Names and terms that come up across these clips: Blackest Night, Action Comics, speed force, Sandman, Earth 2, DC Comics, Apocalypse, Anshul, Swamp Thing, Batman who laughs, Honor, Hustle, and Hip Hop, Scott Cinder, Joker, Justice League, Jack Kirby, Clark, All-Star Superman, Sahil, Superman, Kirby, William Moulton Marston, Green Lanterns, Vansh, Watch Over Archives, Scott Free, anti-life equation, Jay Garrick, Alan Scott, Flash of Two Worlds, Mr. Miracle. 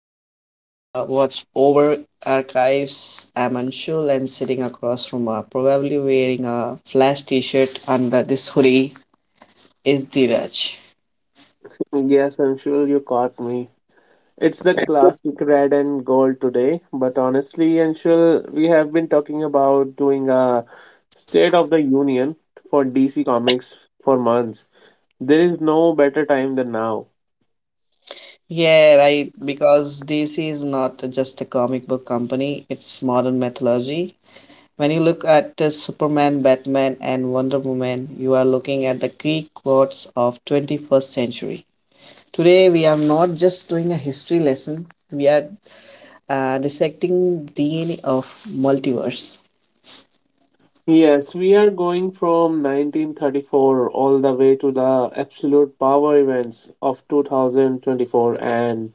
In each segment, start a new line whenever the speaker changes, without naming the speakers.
welcome back to the Watch Over Archives. I'm Anshul, and sitting across from, probably wearing a flash T-shirt under this hoodie, is Dheeraj.
Yes, Anshul, you caught me. It's the classic red and gold today, but honestly, Anshul, we have been talking about doing a State of the Union for DC Comics for months. There is no better time than now.
Yeah, right. Because DC is not just a comic book company; it's modern mythology. When you look at Superman, Batman, and Wonder Woman, you are looking at the Greek gods of 21st century. Today, we are not just doing a history lesson, we are dissecting DNA of multiverse.
Yes, we are going from 1934 all the way to the absolute power events of 2024 and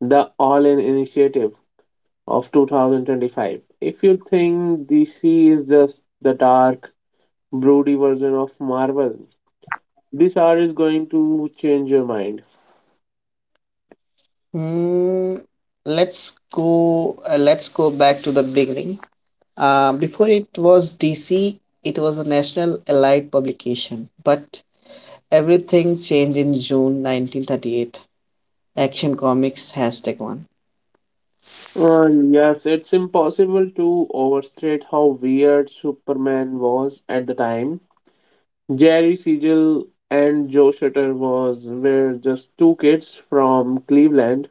the All In initiative of 2025. If you think DC is just the dark, Brody version of Marvel, this hour is going to change your mind.
Hmm, let's go. Let's go back to the beginning. Before it was DC, it was a national allied publication. But everything changed in June 1938. Action Comics hashtag one.
Yes, it's impossible to overstate how weird Superman was at the time. Jerry Siegel and Joe Shuster was were just two kids from Cleveland.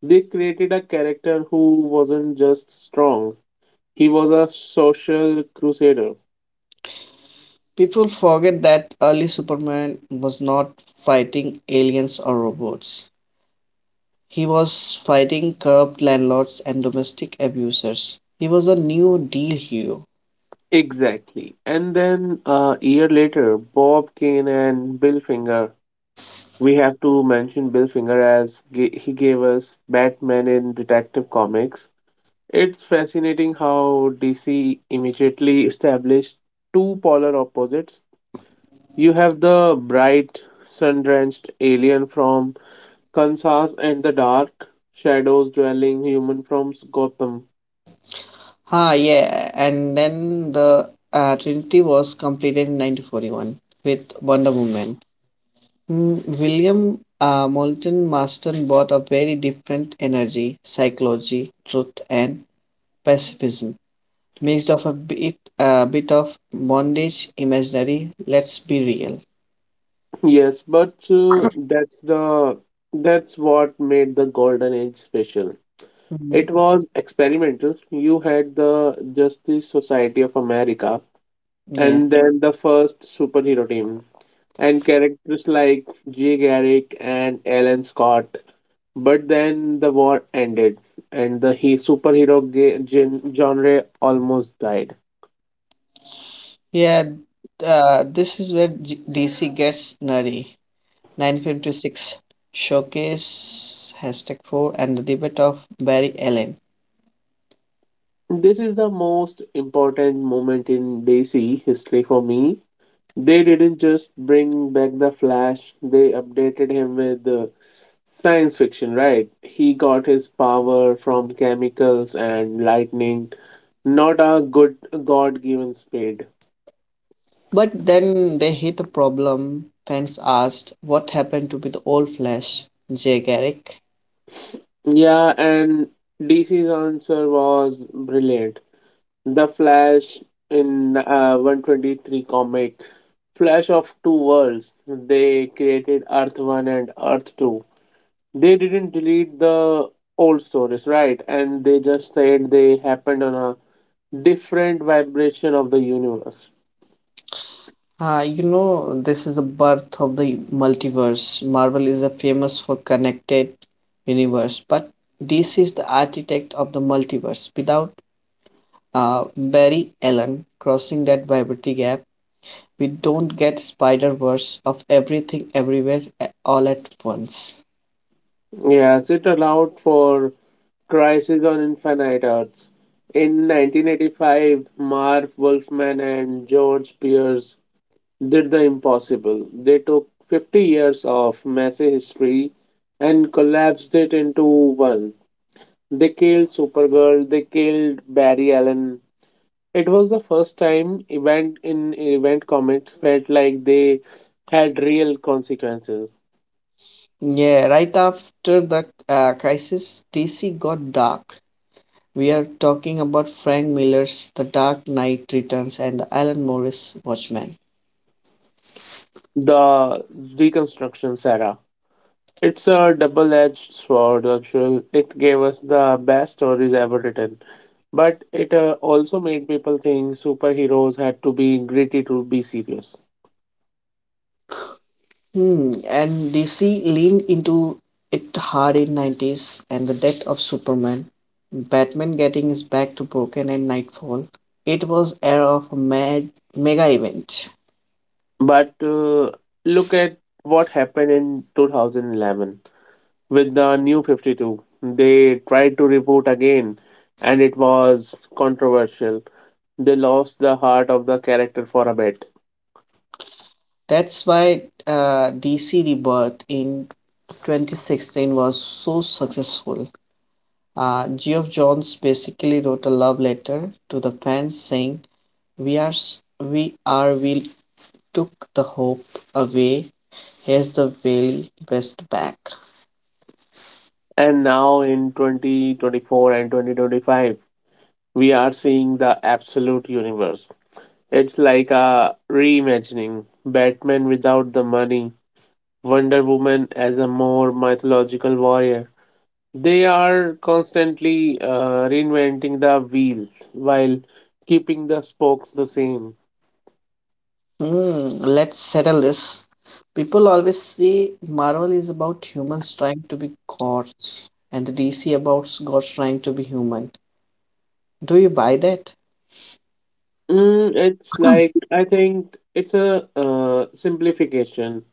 They created a character who wasn't just strong; he was a social crusader.
People forget that early Superman was not fighting aliens or robots. He was fighting corrupt landlords and domestic abusers. He was a New Deal hero.
Exactly. And then a year later, Bob Kane and Bill Finger, we have to mention Bill Finger, he gave us Batman in Detective Comics. It's fascinating how DC immediately established two polar opposites. You have the bright, sun-drenched alien from Kansas and the dark, shadows-dwelling human from Gotham.
Ah, yeah, and then the Trinity was completed in 1941 with Wonder Woman. Mm, William Moulton Marston brought a very different energy, psychology, truth, and pacifism, mixed of a bit of bondage, imaginary. Let's be real.
Yes, but that's what made the Golden Age special.
Mhm.
It was experimental. You had the Justice Society of America
Yeah,
and then the first superhero team and characters like Jay Garrick and Alan Scott. But then the war ended and the superhero genre almost died.
yeah. This is where DC gets nerdy. 1956 showcase hashtag 4 and the debate of Barry Allen.
This is the most important moment in DC history for me. They didn't just bring back the Flash, they updated him with science fiction, right? He got his power from chemicals and lightning, not a good God given spade.
But then they hit a problem. Fans asked what happened to be the old Flash, Jay Garrick.
Yeah, and DC's answer was brilliant. The Flash in 123 comic, Flash of Two Worlds, they created Earth 1 and Earth 2. They didn't delete the old stories, right? And they just said they happened on a different vibration of the universe.
Ah, you know, this is the birth of the multiverse. Marvel is a famous for connected universe, but DC is the architect of the multiverse. Without Barry Allen crossing that vibrity gap, we don't get Spider-Verse of everything everywhere all at once.
Yes, it allowed for Crisis on Infinite Earths. In 1985, Marv Wolfman and George Pierce did the impossible. They took 50 years of messy history and collapsed it into one. They killed Supergirl, they killed Barry Allen. It was the first time event in event comics felt like they had real consequences.
Yeah, right after the crisis, DC got dark. We are talking about Frank Miller's The Dark Knight Returns and the Alan Moore's Watchmen.
The Reconstruction era. It's a double-edged sword. Actually, it gave us the best stories ever written, but it also made people think superheroes had to be gritty to be serious.
Hmm, and DC leaned into it hard in 90s and the death of Superman, Batman getting his back to broken and Nightfall. It was era of a mega event.
But look at what happened in 2011 with the New 52. They tried to reboot again, and it was controversial. They lost the heart of the character for a bit.
That's why DC Rebirth in 2016 was so successful. Geoff Johns basically wrote a love letter to the fans saying, "We are, s- we are, we took the hope away. Here's the very best back.
And now in 2024 and 2025, we are seeing the absolute universe. It's like a reimagining Batman without the money, Wonder Woman as a more mythological warrior. They are constantly reinventing the wheel while keeping the spokes the same.
Hmm, let's settle this." People always say Marvel is about humans trying to be gods, and the DC about gods trying to be human. Do you buy that?
It's like I think it's a simplification,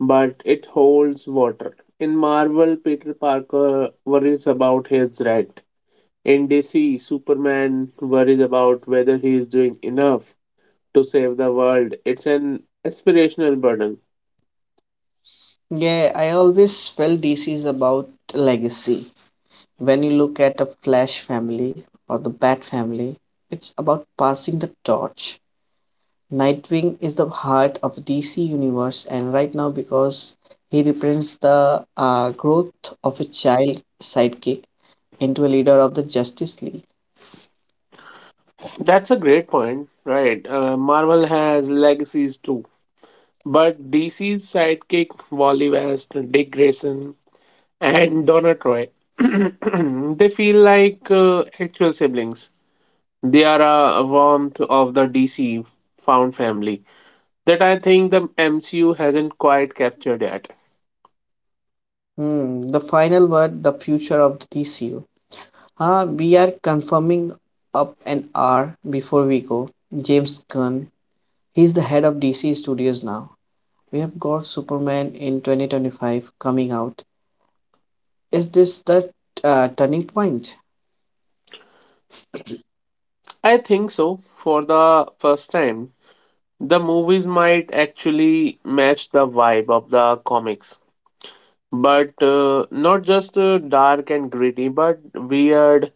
but it holds water. In Marvel, Peter Parker worries about his rent. In DC, Superman worries about whether he is doing enough to save the world. It's an aspirational burden.
Yeah, I always felt DC is about legacy. When you look at the Flash family or the Bat family, it's about passing the torch. Nightwing is the heart of the DC universe, and right now, because he represents the growth of a child sidekick into a leader of the Justice League.
That's a great point, right? Marvel has legacies too, but DC's sidekick Wally West, Dick Grayson, and Donna Troy. They feel like actual siblings. They are a warmth of the DC found family that I think the MCU hasn't quite captured yet.
Hmm, the final word, the future of the DCU. Huh, we are confirming up an hour before we go. James Gunn. He's the head of DC Studios now. We have got Superman in 2025 coming out. Is this the turning point?
I think so. For the first time, the movies might actually match the vibe of the comics, but not just dark and gritty, but weird,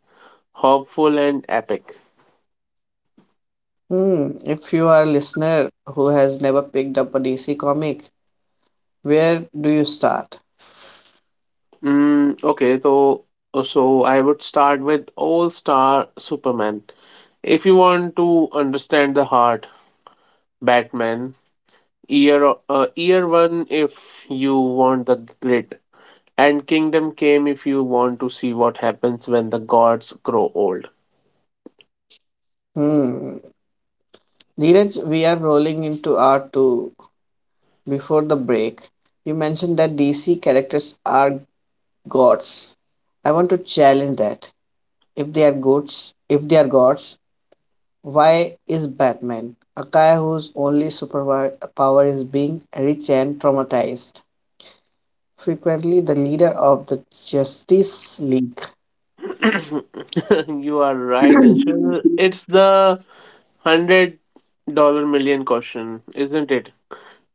hopeful, and epic.
Hmm, if you are a listener who has never picked up a DC comic, where do you start?
Okay, so I would start with All-Star Superman. If you want to understand the heart, Batman, year one if you want the grit, and Kingdom Came if you want to see what happens when the gods grow old.
Hmm, Neeraj, we are rolling into R2 before the break. You mentioned that DC characters are gods. I want to challenge that. If they are gods, why is Batman, a guy whose only superpower is being rich and traumatized, frequently the leader of the Justice League?
You are right, Anshul. It's the hundred-dollar million question, isn't it?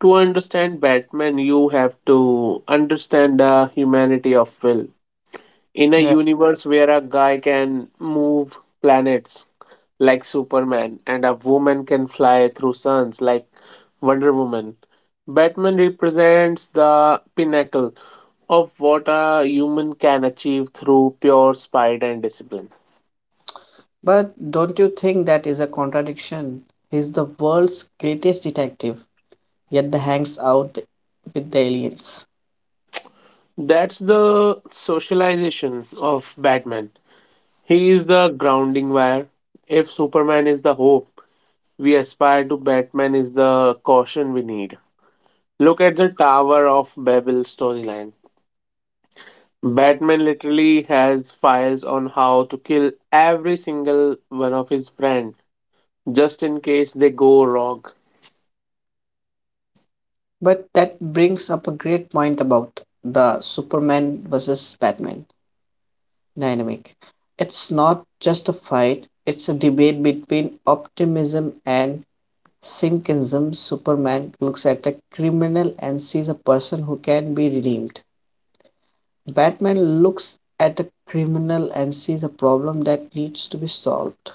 To understand Batman, you have to understand the humanity of Will. In a
Yeah.
universe where a guy can move planets like Superman and a woman can fly through suns like Wonder Woman, Batman represents the pinnacle of what a human can achieve through pure spite and discipline.
But don't you think that is a contradiction? He's the world's greatest detective, yet the hangs out with the aliens.
That's the socialization of Batman. He is the grounding wire. If Superman is the hope, we aspire to Batman is the caution we need. Look at the Tower of Babel storyline. Batman literally has files on how to kill every single one of his friends just in case they go wrong.
But that brings up a great point about the Superman versus Batman dynamic. It's not just a fight, it's a debate between optimism and Simpkinsm. Superman looks at a criminal and sees a person who can be redeemed. Batman looks at a criminal and sees a problem that needs to be solved.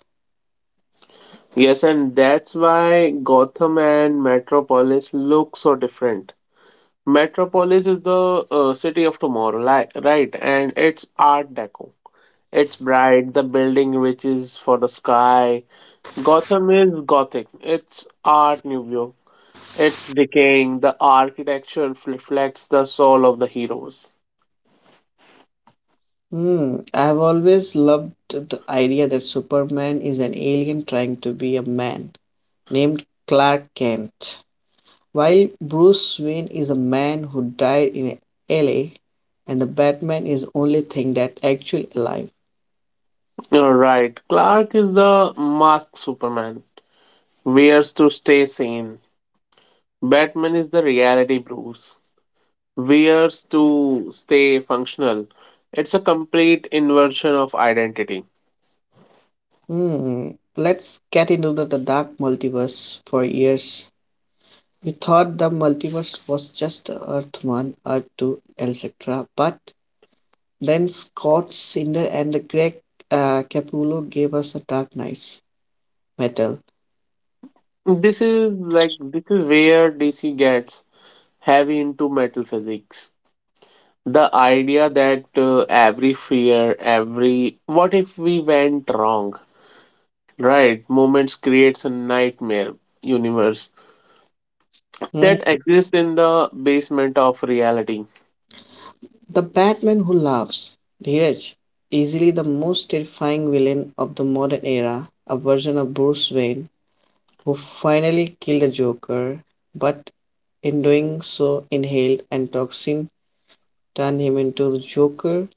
Yes, and that's why Gotham and Metropolis look so different. Metropolis is the city of tomorrow, right? And it's Art Deco. It's bright, the building reaches for the sky. Gotham is Gothic. It's Art Nouveau. It's decaying. The architecture reflects the soul of the heroes.
Hmm, I've always loved the idea that Superman is an alien trying to be a man named Clark Kent, while Bruce Wayne is a man who died in LA and the Batman is the only thing that actually alive.
You're right. Clark is the masked Superman. Wears to stay sane. Batman is the reality Bruce. Wears to stay functional. It's a complete inversion of identity.
Hmm, let's get into the dark multiverse. For years, we thought the multiverse was just Earth 1, Earth 2, etc. But then Scott Cinder and the Greg Capullo gave us a Dark Knight's Metal.
This is where DC gets heavy into metal physics. The idea that every fear, every what if we went wrong, right? Moments creates a nightmare universe that
Hmm,
exists in the basement of reality.
the Batman who laughs. Dheeraj, easily the most terrifying villain of the modern era, a version of Bruce Wayne who finally killed the Joker, but in doing so inhaled and toxin, turn him into the Joker,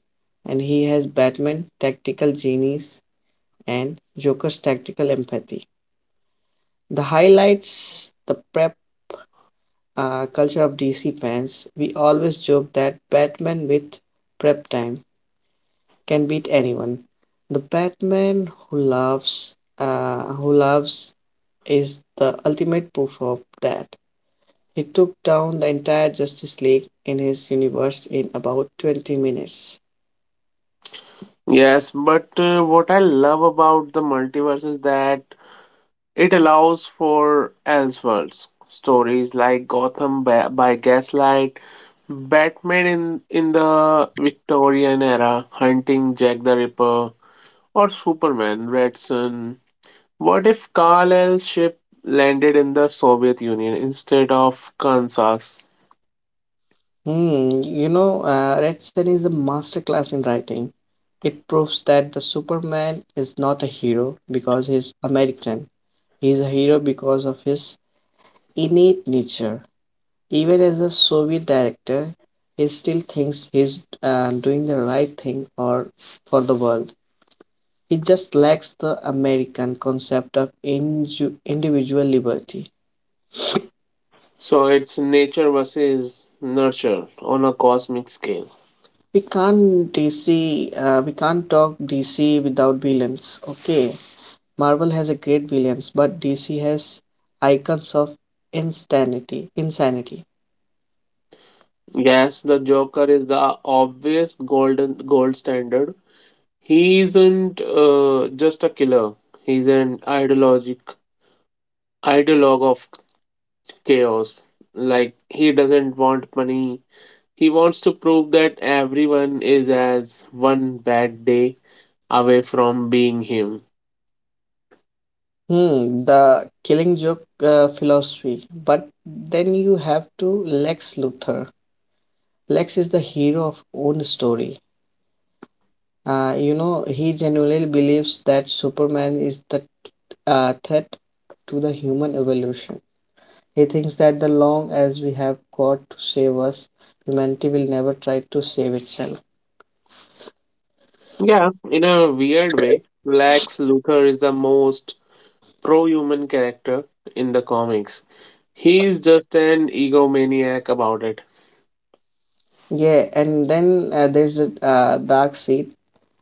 and he has Batman tactical genius and Joker's tactical empathy. The highlights the prep culture of DC fans. We always joke that Batman with prep time can beat anyone. The Batman who loves, is the ultimate proof of that. He took down the entire Justice League in his universe in about 20 minutes.
Yes, but what I love about the multiverse is that it allows for Elseworlds stories like Gotham by Gaslight, Batman in the Victorian era, hunting Jack the Ripper, or Superman Red Sun. What if Carl ship landed in the Soviet Union instead of Kansas?
Hmm, you know, Redson is a masterclass in writing. It proves that the Superman is not a hero because he's American. He's a hero because of his innate nature. Even as a Soviet director, he still thinks he's doing the right thing for the world. He just lacks the American concept of individual liberty.
So it's nature versus nurture on a cosmic scale.
We can't DC, uh, we can't talk DC without villains. Okay. Marvel has a great villains, but DC has icons of insanity. Insanity.
Yes, the Joker is the obvious golden gold standard. He isn't just a killer. He's an ideologic ideologue of chaos. Like he doesn't want money. He wants to prove that everyone is as one bad day away from being him.
Hmm, the killing joke philosophy. But then you have to Lex Luthor. Lex is the hero of own story. You know, he genuinely believes that Superman is the threat to the human evolution. He thinks that the long as we have got to save us, humanity will never try to save itself.
Yeah, in a weird way, Lex Luthor is the most pro-human character in the comics. He is just an egomaniac about it.
Yeah, and then there's a dark seed.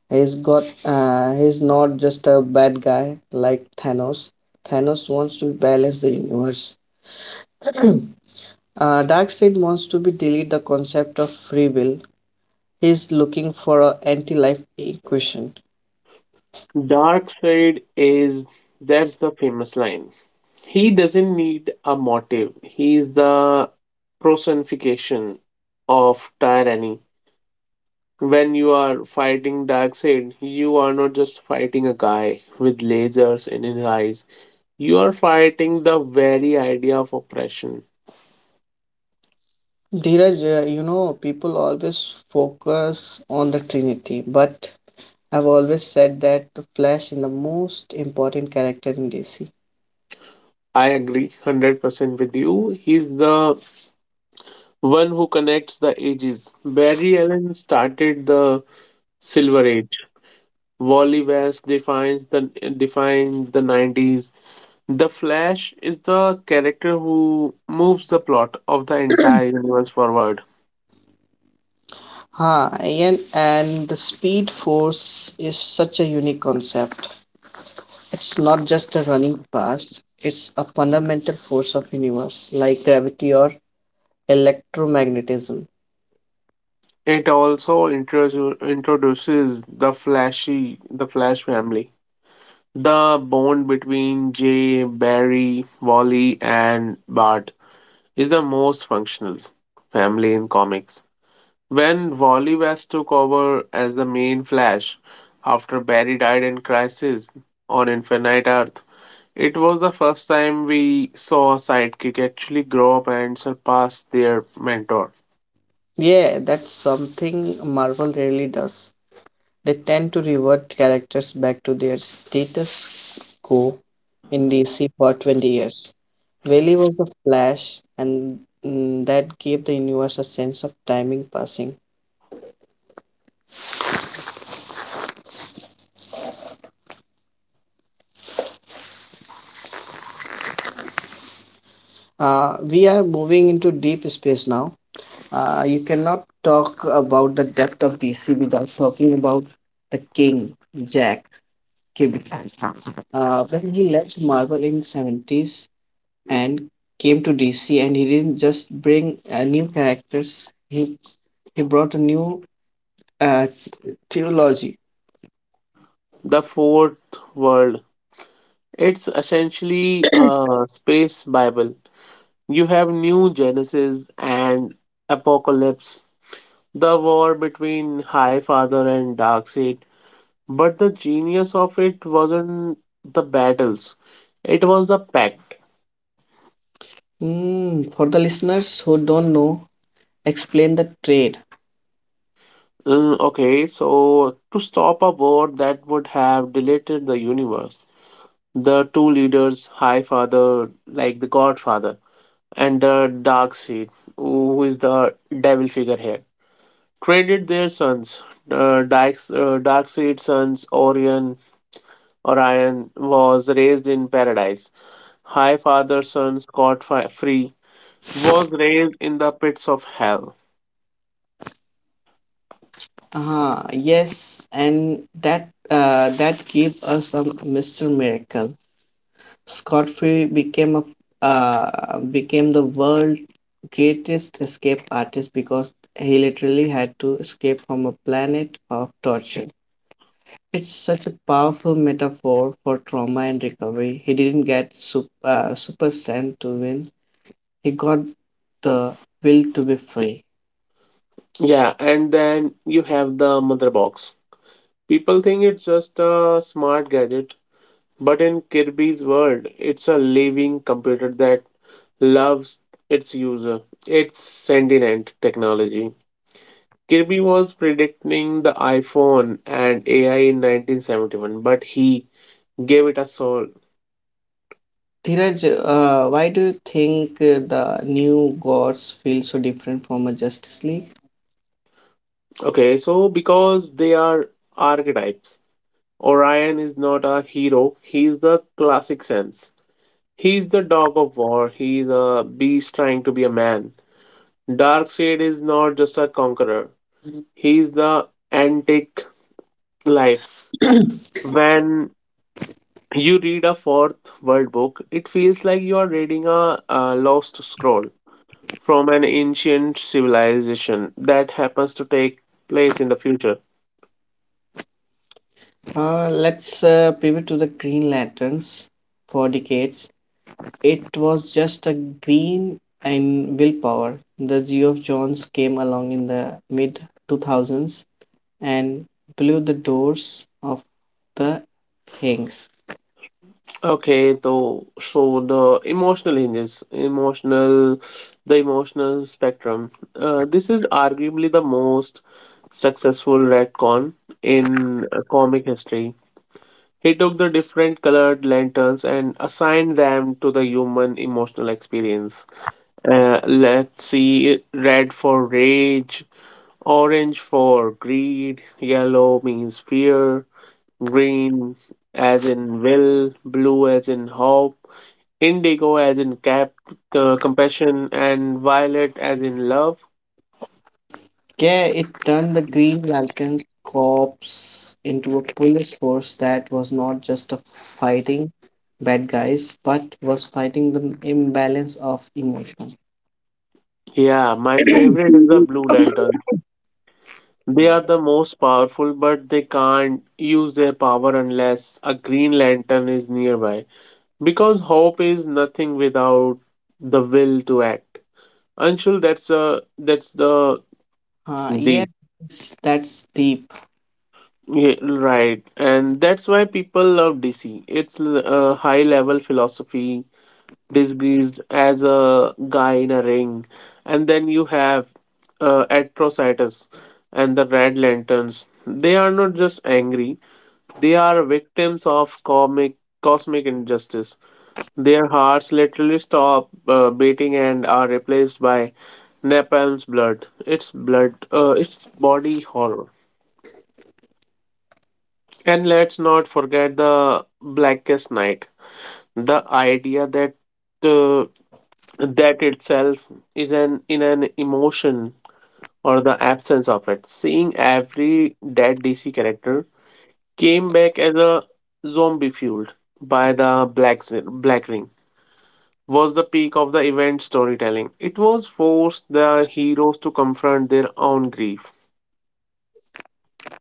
He's not just a bad guy like Thanos. Thanos wants to balance the universe. uh, Darkseid wants to be delete the concept of free will. He's looking for a anti-life equation.
Dark side is That's the famous line. He doesn't need a motive. He is the personification of tyranny. When you are fighting Darkseid, you are not just fighting a guy with lasers in his eyes. You are fighting the very idea of oppression.
Dheeraj, you know, people always focus on the Trinity, but I've always said that the Flash is the most important character in DC.
I agree 100% with you. He's the one who connects the ages. Barry Allen started the Silver Age. Wally West defines the 90s. The Flash is the character who moves the plot of the entire universe forward.
Huh, Ian, and the speed force is such a unique concept. It's not just a running past, it's a fundamental force of universe, like gravity or electromagnetism.
It also introduces the Flash family. The bond between Jay, Barry, Wally and Bart is the most functional family in comics. When Wally West took over as the main Flash after Barry died in Crisis on Infinite Earth, it was the first time we saw a sidekick actually grow up and surpass their mentor.
Yeah, that's something Marvel rarely does. They tend to revert characters back to their status quo in DC for 20 years. Wally was the Flash, and mm, that gave the universe a sense of timing passing. We are moving into deep space now. You cannot talk about the depth of DC without talking about the King, Jack Kirby. When he left Marvel in 70s and came to DC, and he didn't just bring new characters, he brought a new uh, theology.
The Fourth World. It's essentially a space Bible. You have New Genesis and Apocalypse, the war between High Father and Darkseid. But the genius of it wasn't the battles, it was the pact.
Hmm, for the listeners who don't know, explain the trade.
Okay, so to stop a war that would have deleted the universe, the two leaders, High Father, like the Godfather, and the Dark Seed, who is the devil figure here, traded their sons. Darkseid's sons, Orion was raised in paradise. High Father's son, Scott Free, was raised in the pits of hell.
Huh. Yes, and that gave us a Mr. Miracle. Scott Free became the world's greatest escape artist because he literally had to escape from a planet of torture. It's such a powerful metaphor for trauma and recovery. He didn't get super strength to win. He got the will to be free.
Yeah, and then you have the mother box. People think it's just a smart gadget, but in Kirby's world, it's a living computer that loves its user. It's sentient technology. Kirby was predicting the iPhone and AI in 1971, but he gave it a soul.
Dhiraj, why do you think the new gods feel so different from a Justice League?
Okay, so because they are archetypes, Orion is not a hero, he is the classic sense. He's the dog of war. He's a beast trying to be a man. Darkseid is not just a conqueror. He's the antique life. When you read a fourth world book, it feels like you are reading a lost scroll from an ancient civilization that happens to take place in the future.
Let's pivot to the Green Lanterns. For decades, it was just a green and willpower. The Geo Jones came along in the mid 2000s and blew the doors of the Hanks.
Okay, so the emotional spectrum. This is arguably the most successful retcon in comic history. He took the different colored lanterns and assigned them to the human emotional experience. Let's see, red for rage, orange for greed, yellow means fear, green as in will, blue as in hope, indigo as in cap compassion, and violet as in love.
Yeah, it turned the Green Lanterns Corps into a police force that was not just a fighting bad guys, but was fighting the imbalance of emotion.
Yeah, my favorite is the blue lantern. They
Hmm.
are the most powerful, but they can't use their power unless a green lantern is nearby because hope is nothing without the will to act, Anshul. That's the
Yeah,
deep.
that's deep.
Yeah, right, and that's why people love DC. It's high level philosophy disguised as a guy in a ring. And then you have Atrocitus and the Red Lanterns. They are not just angry, they are victims of cosmic injustice. Their hearts literally stop beating and are replaced by napalm's blood. It's body horror. And let's not forget the Blackest Night. The idea that uh, that itself is an emotion or the absence of it. Seeing every dead DC character came back as a zombie fueled by the black ring was the peak of the event storytelling. It was forced the heroes to confront their own grief.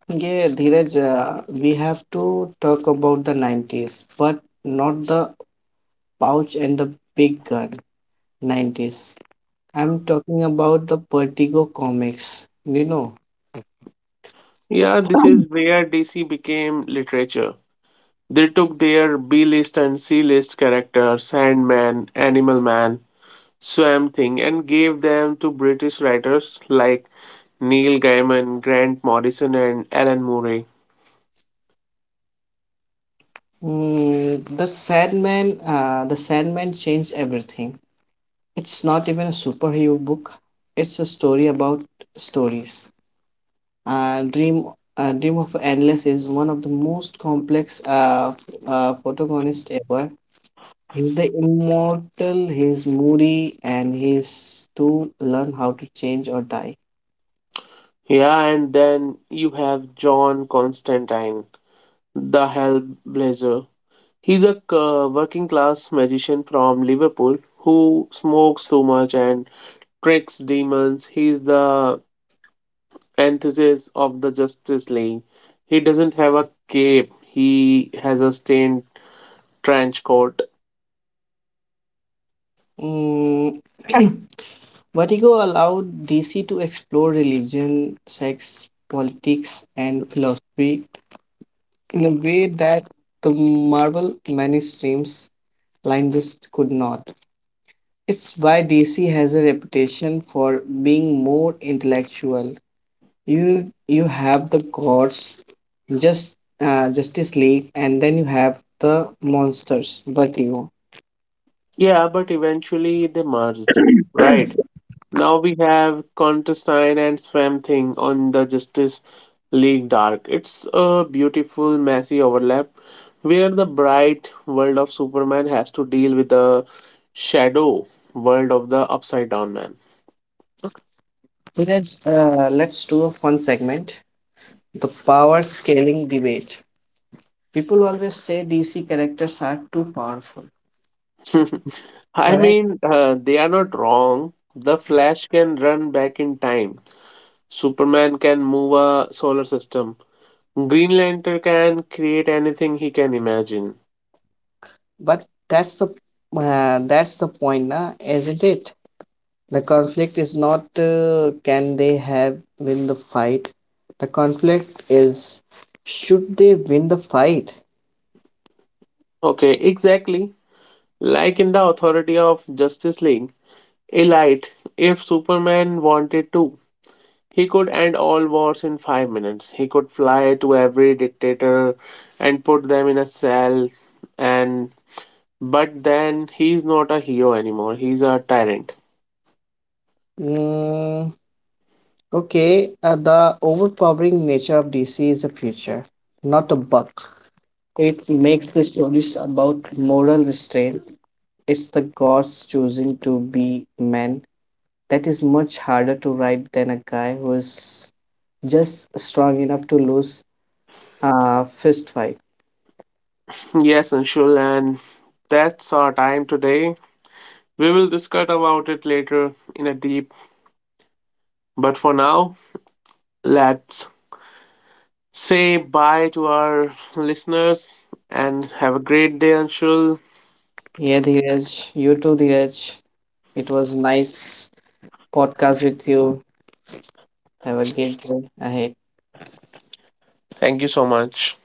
Yeah, Dheeraj, we have to talk about the 90s, but not the pouch and the big gun 90s. I'm talking about the Vertigo comics, you know.
Yeah, this is where DC became literature. They took their B list and C list characters, Sandman, Animal Man, Swamp Thing and gave them to British writers like Neil Gaiman, Grant Morrison, and Alan Murray.
The Sandman changed everything. It's not even a superhero book. It's a story about stories. Uh, Dream Dream of Endless is one of the most complex protagonist ever. He's the immortal, he's moody, and he's to learn how to change or die.
Yeah, and then you have John Constantine, the Hellblazer. He's a working class magician from Liverpool who smokes too much and tricks demons. He's the antithesis of the Justice League. He doesn't have a cape, he has a stained trench coat.
Mm. Vertigo allowed DC to explore religion, sex, politics, and philosophy in a way that the Marvel mainstreams line just could not. It's why DC has a reputation for being more intellectual. You have the gods, Justice League, and then you have the monsters, Vertigo.
Yeah, but eventually they merged. Right. Now we have Contestine and Swamp Thing on the Justice League Dark. It's a beautiful, messy overlap where the bright world of Superman has to deal with the shadow world of the Upside Down Man.
So let's do a fun segment, the power scaling debate. People always say DC characters are too powerful,
I
correct?
mean, they are not wrong. The Flash can run back in time. Superman can move a solar system. Green Lantern can create anything he can imagine.
But that's the point, na, isn't it? The conflict is not can they have win the fight. The conflict is should they win the fight?
Okay, exactly. Like in the authority of Justice League, Elite, if Superman wanted to, he could end all wars in 5 minutes. He could fly to every dictator and put them in a cell, and but then he's not a hero anymore. He's a tyrant.
Mm, okay, the overpowering nature of DC is a future, not a bug. It makes the stories about moral restraint. It's the gods choosing to be men. That is much harder to write than a guy who is just strong enough to lose a fist fight.
Yes, Anshul, and that's our time today. We will discuss about it later in a deep but for now, let's say bye to our listeners and have a great day, Anshul.
Yeah, Dheeraj, you too, Dheeraj. It was nice podcast with you. Have a great day ahead.
Thank you so much.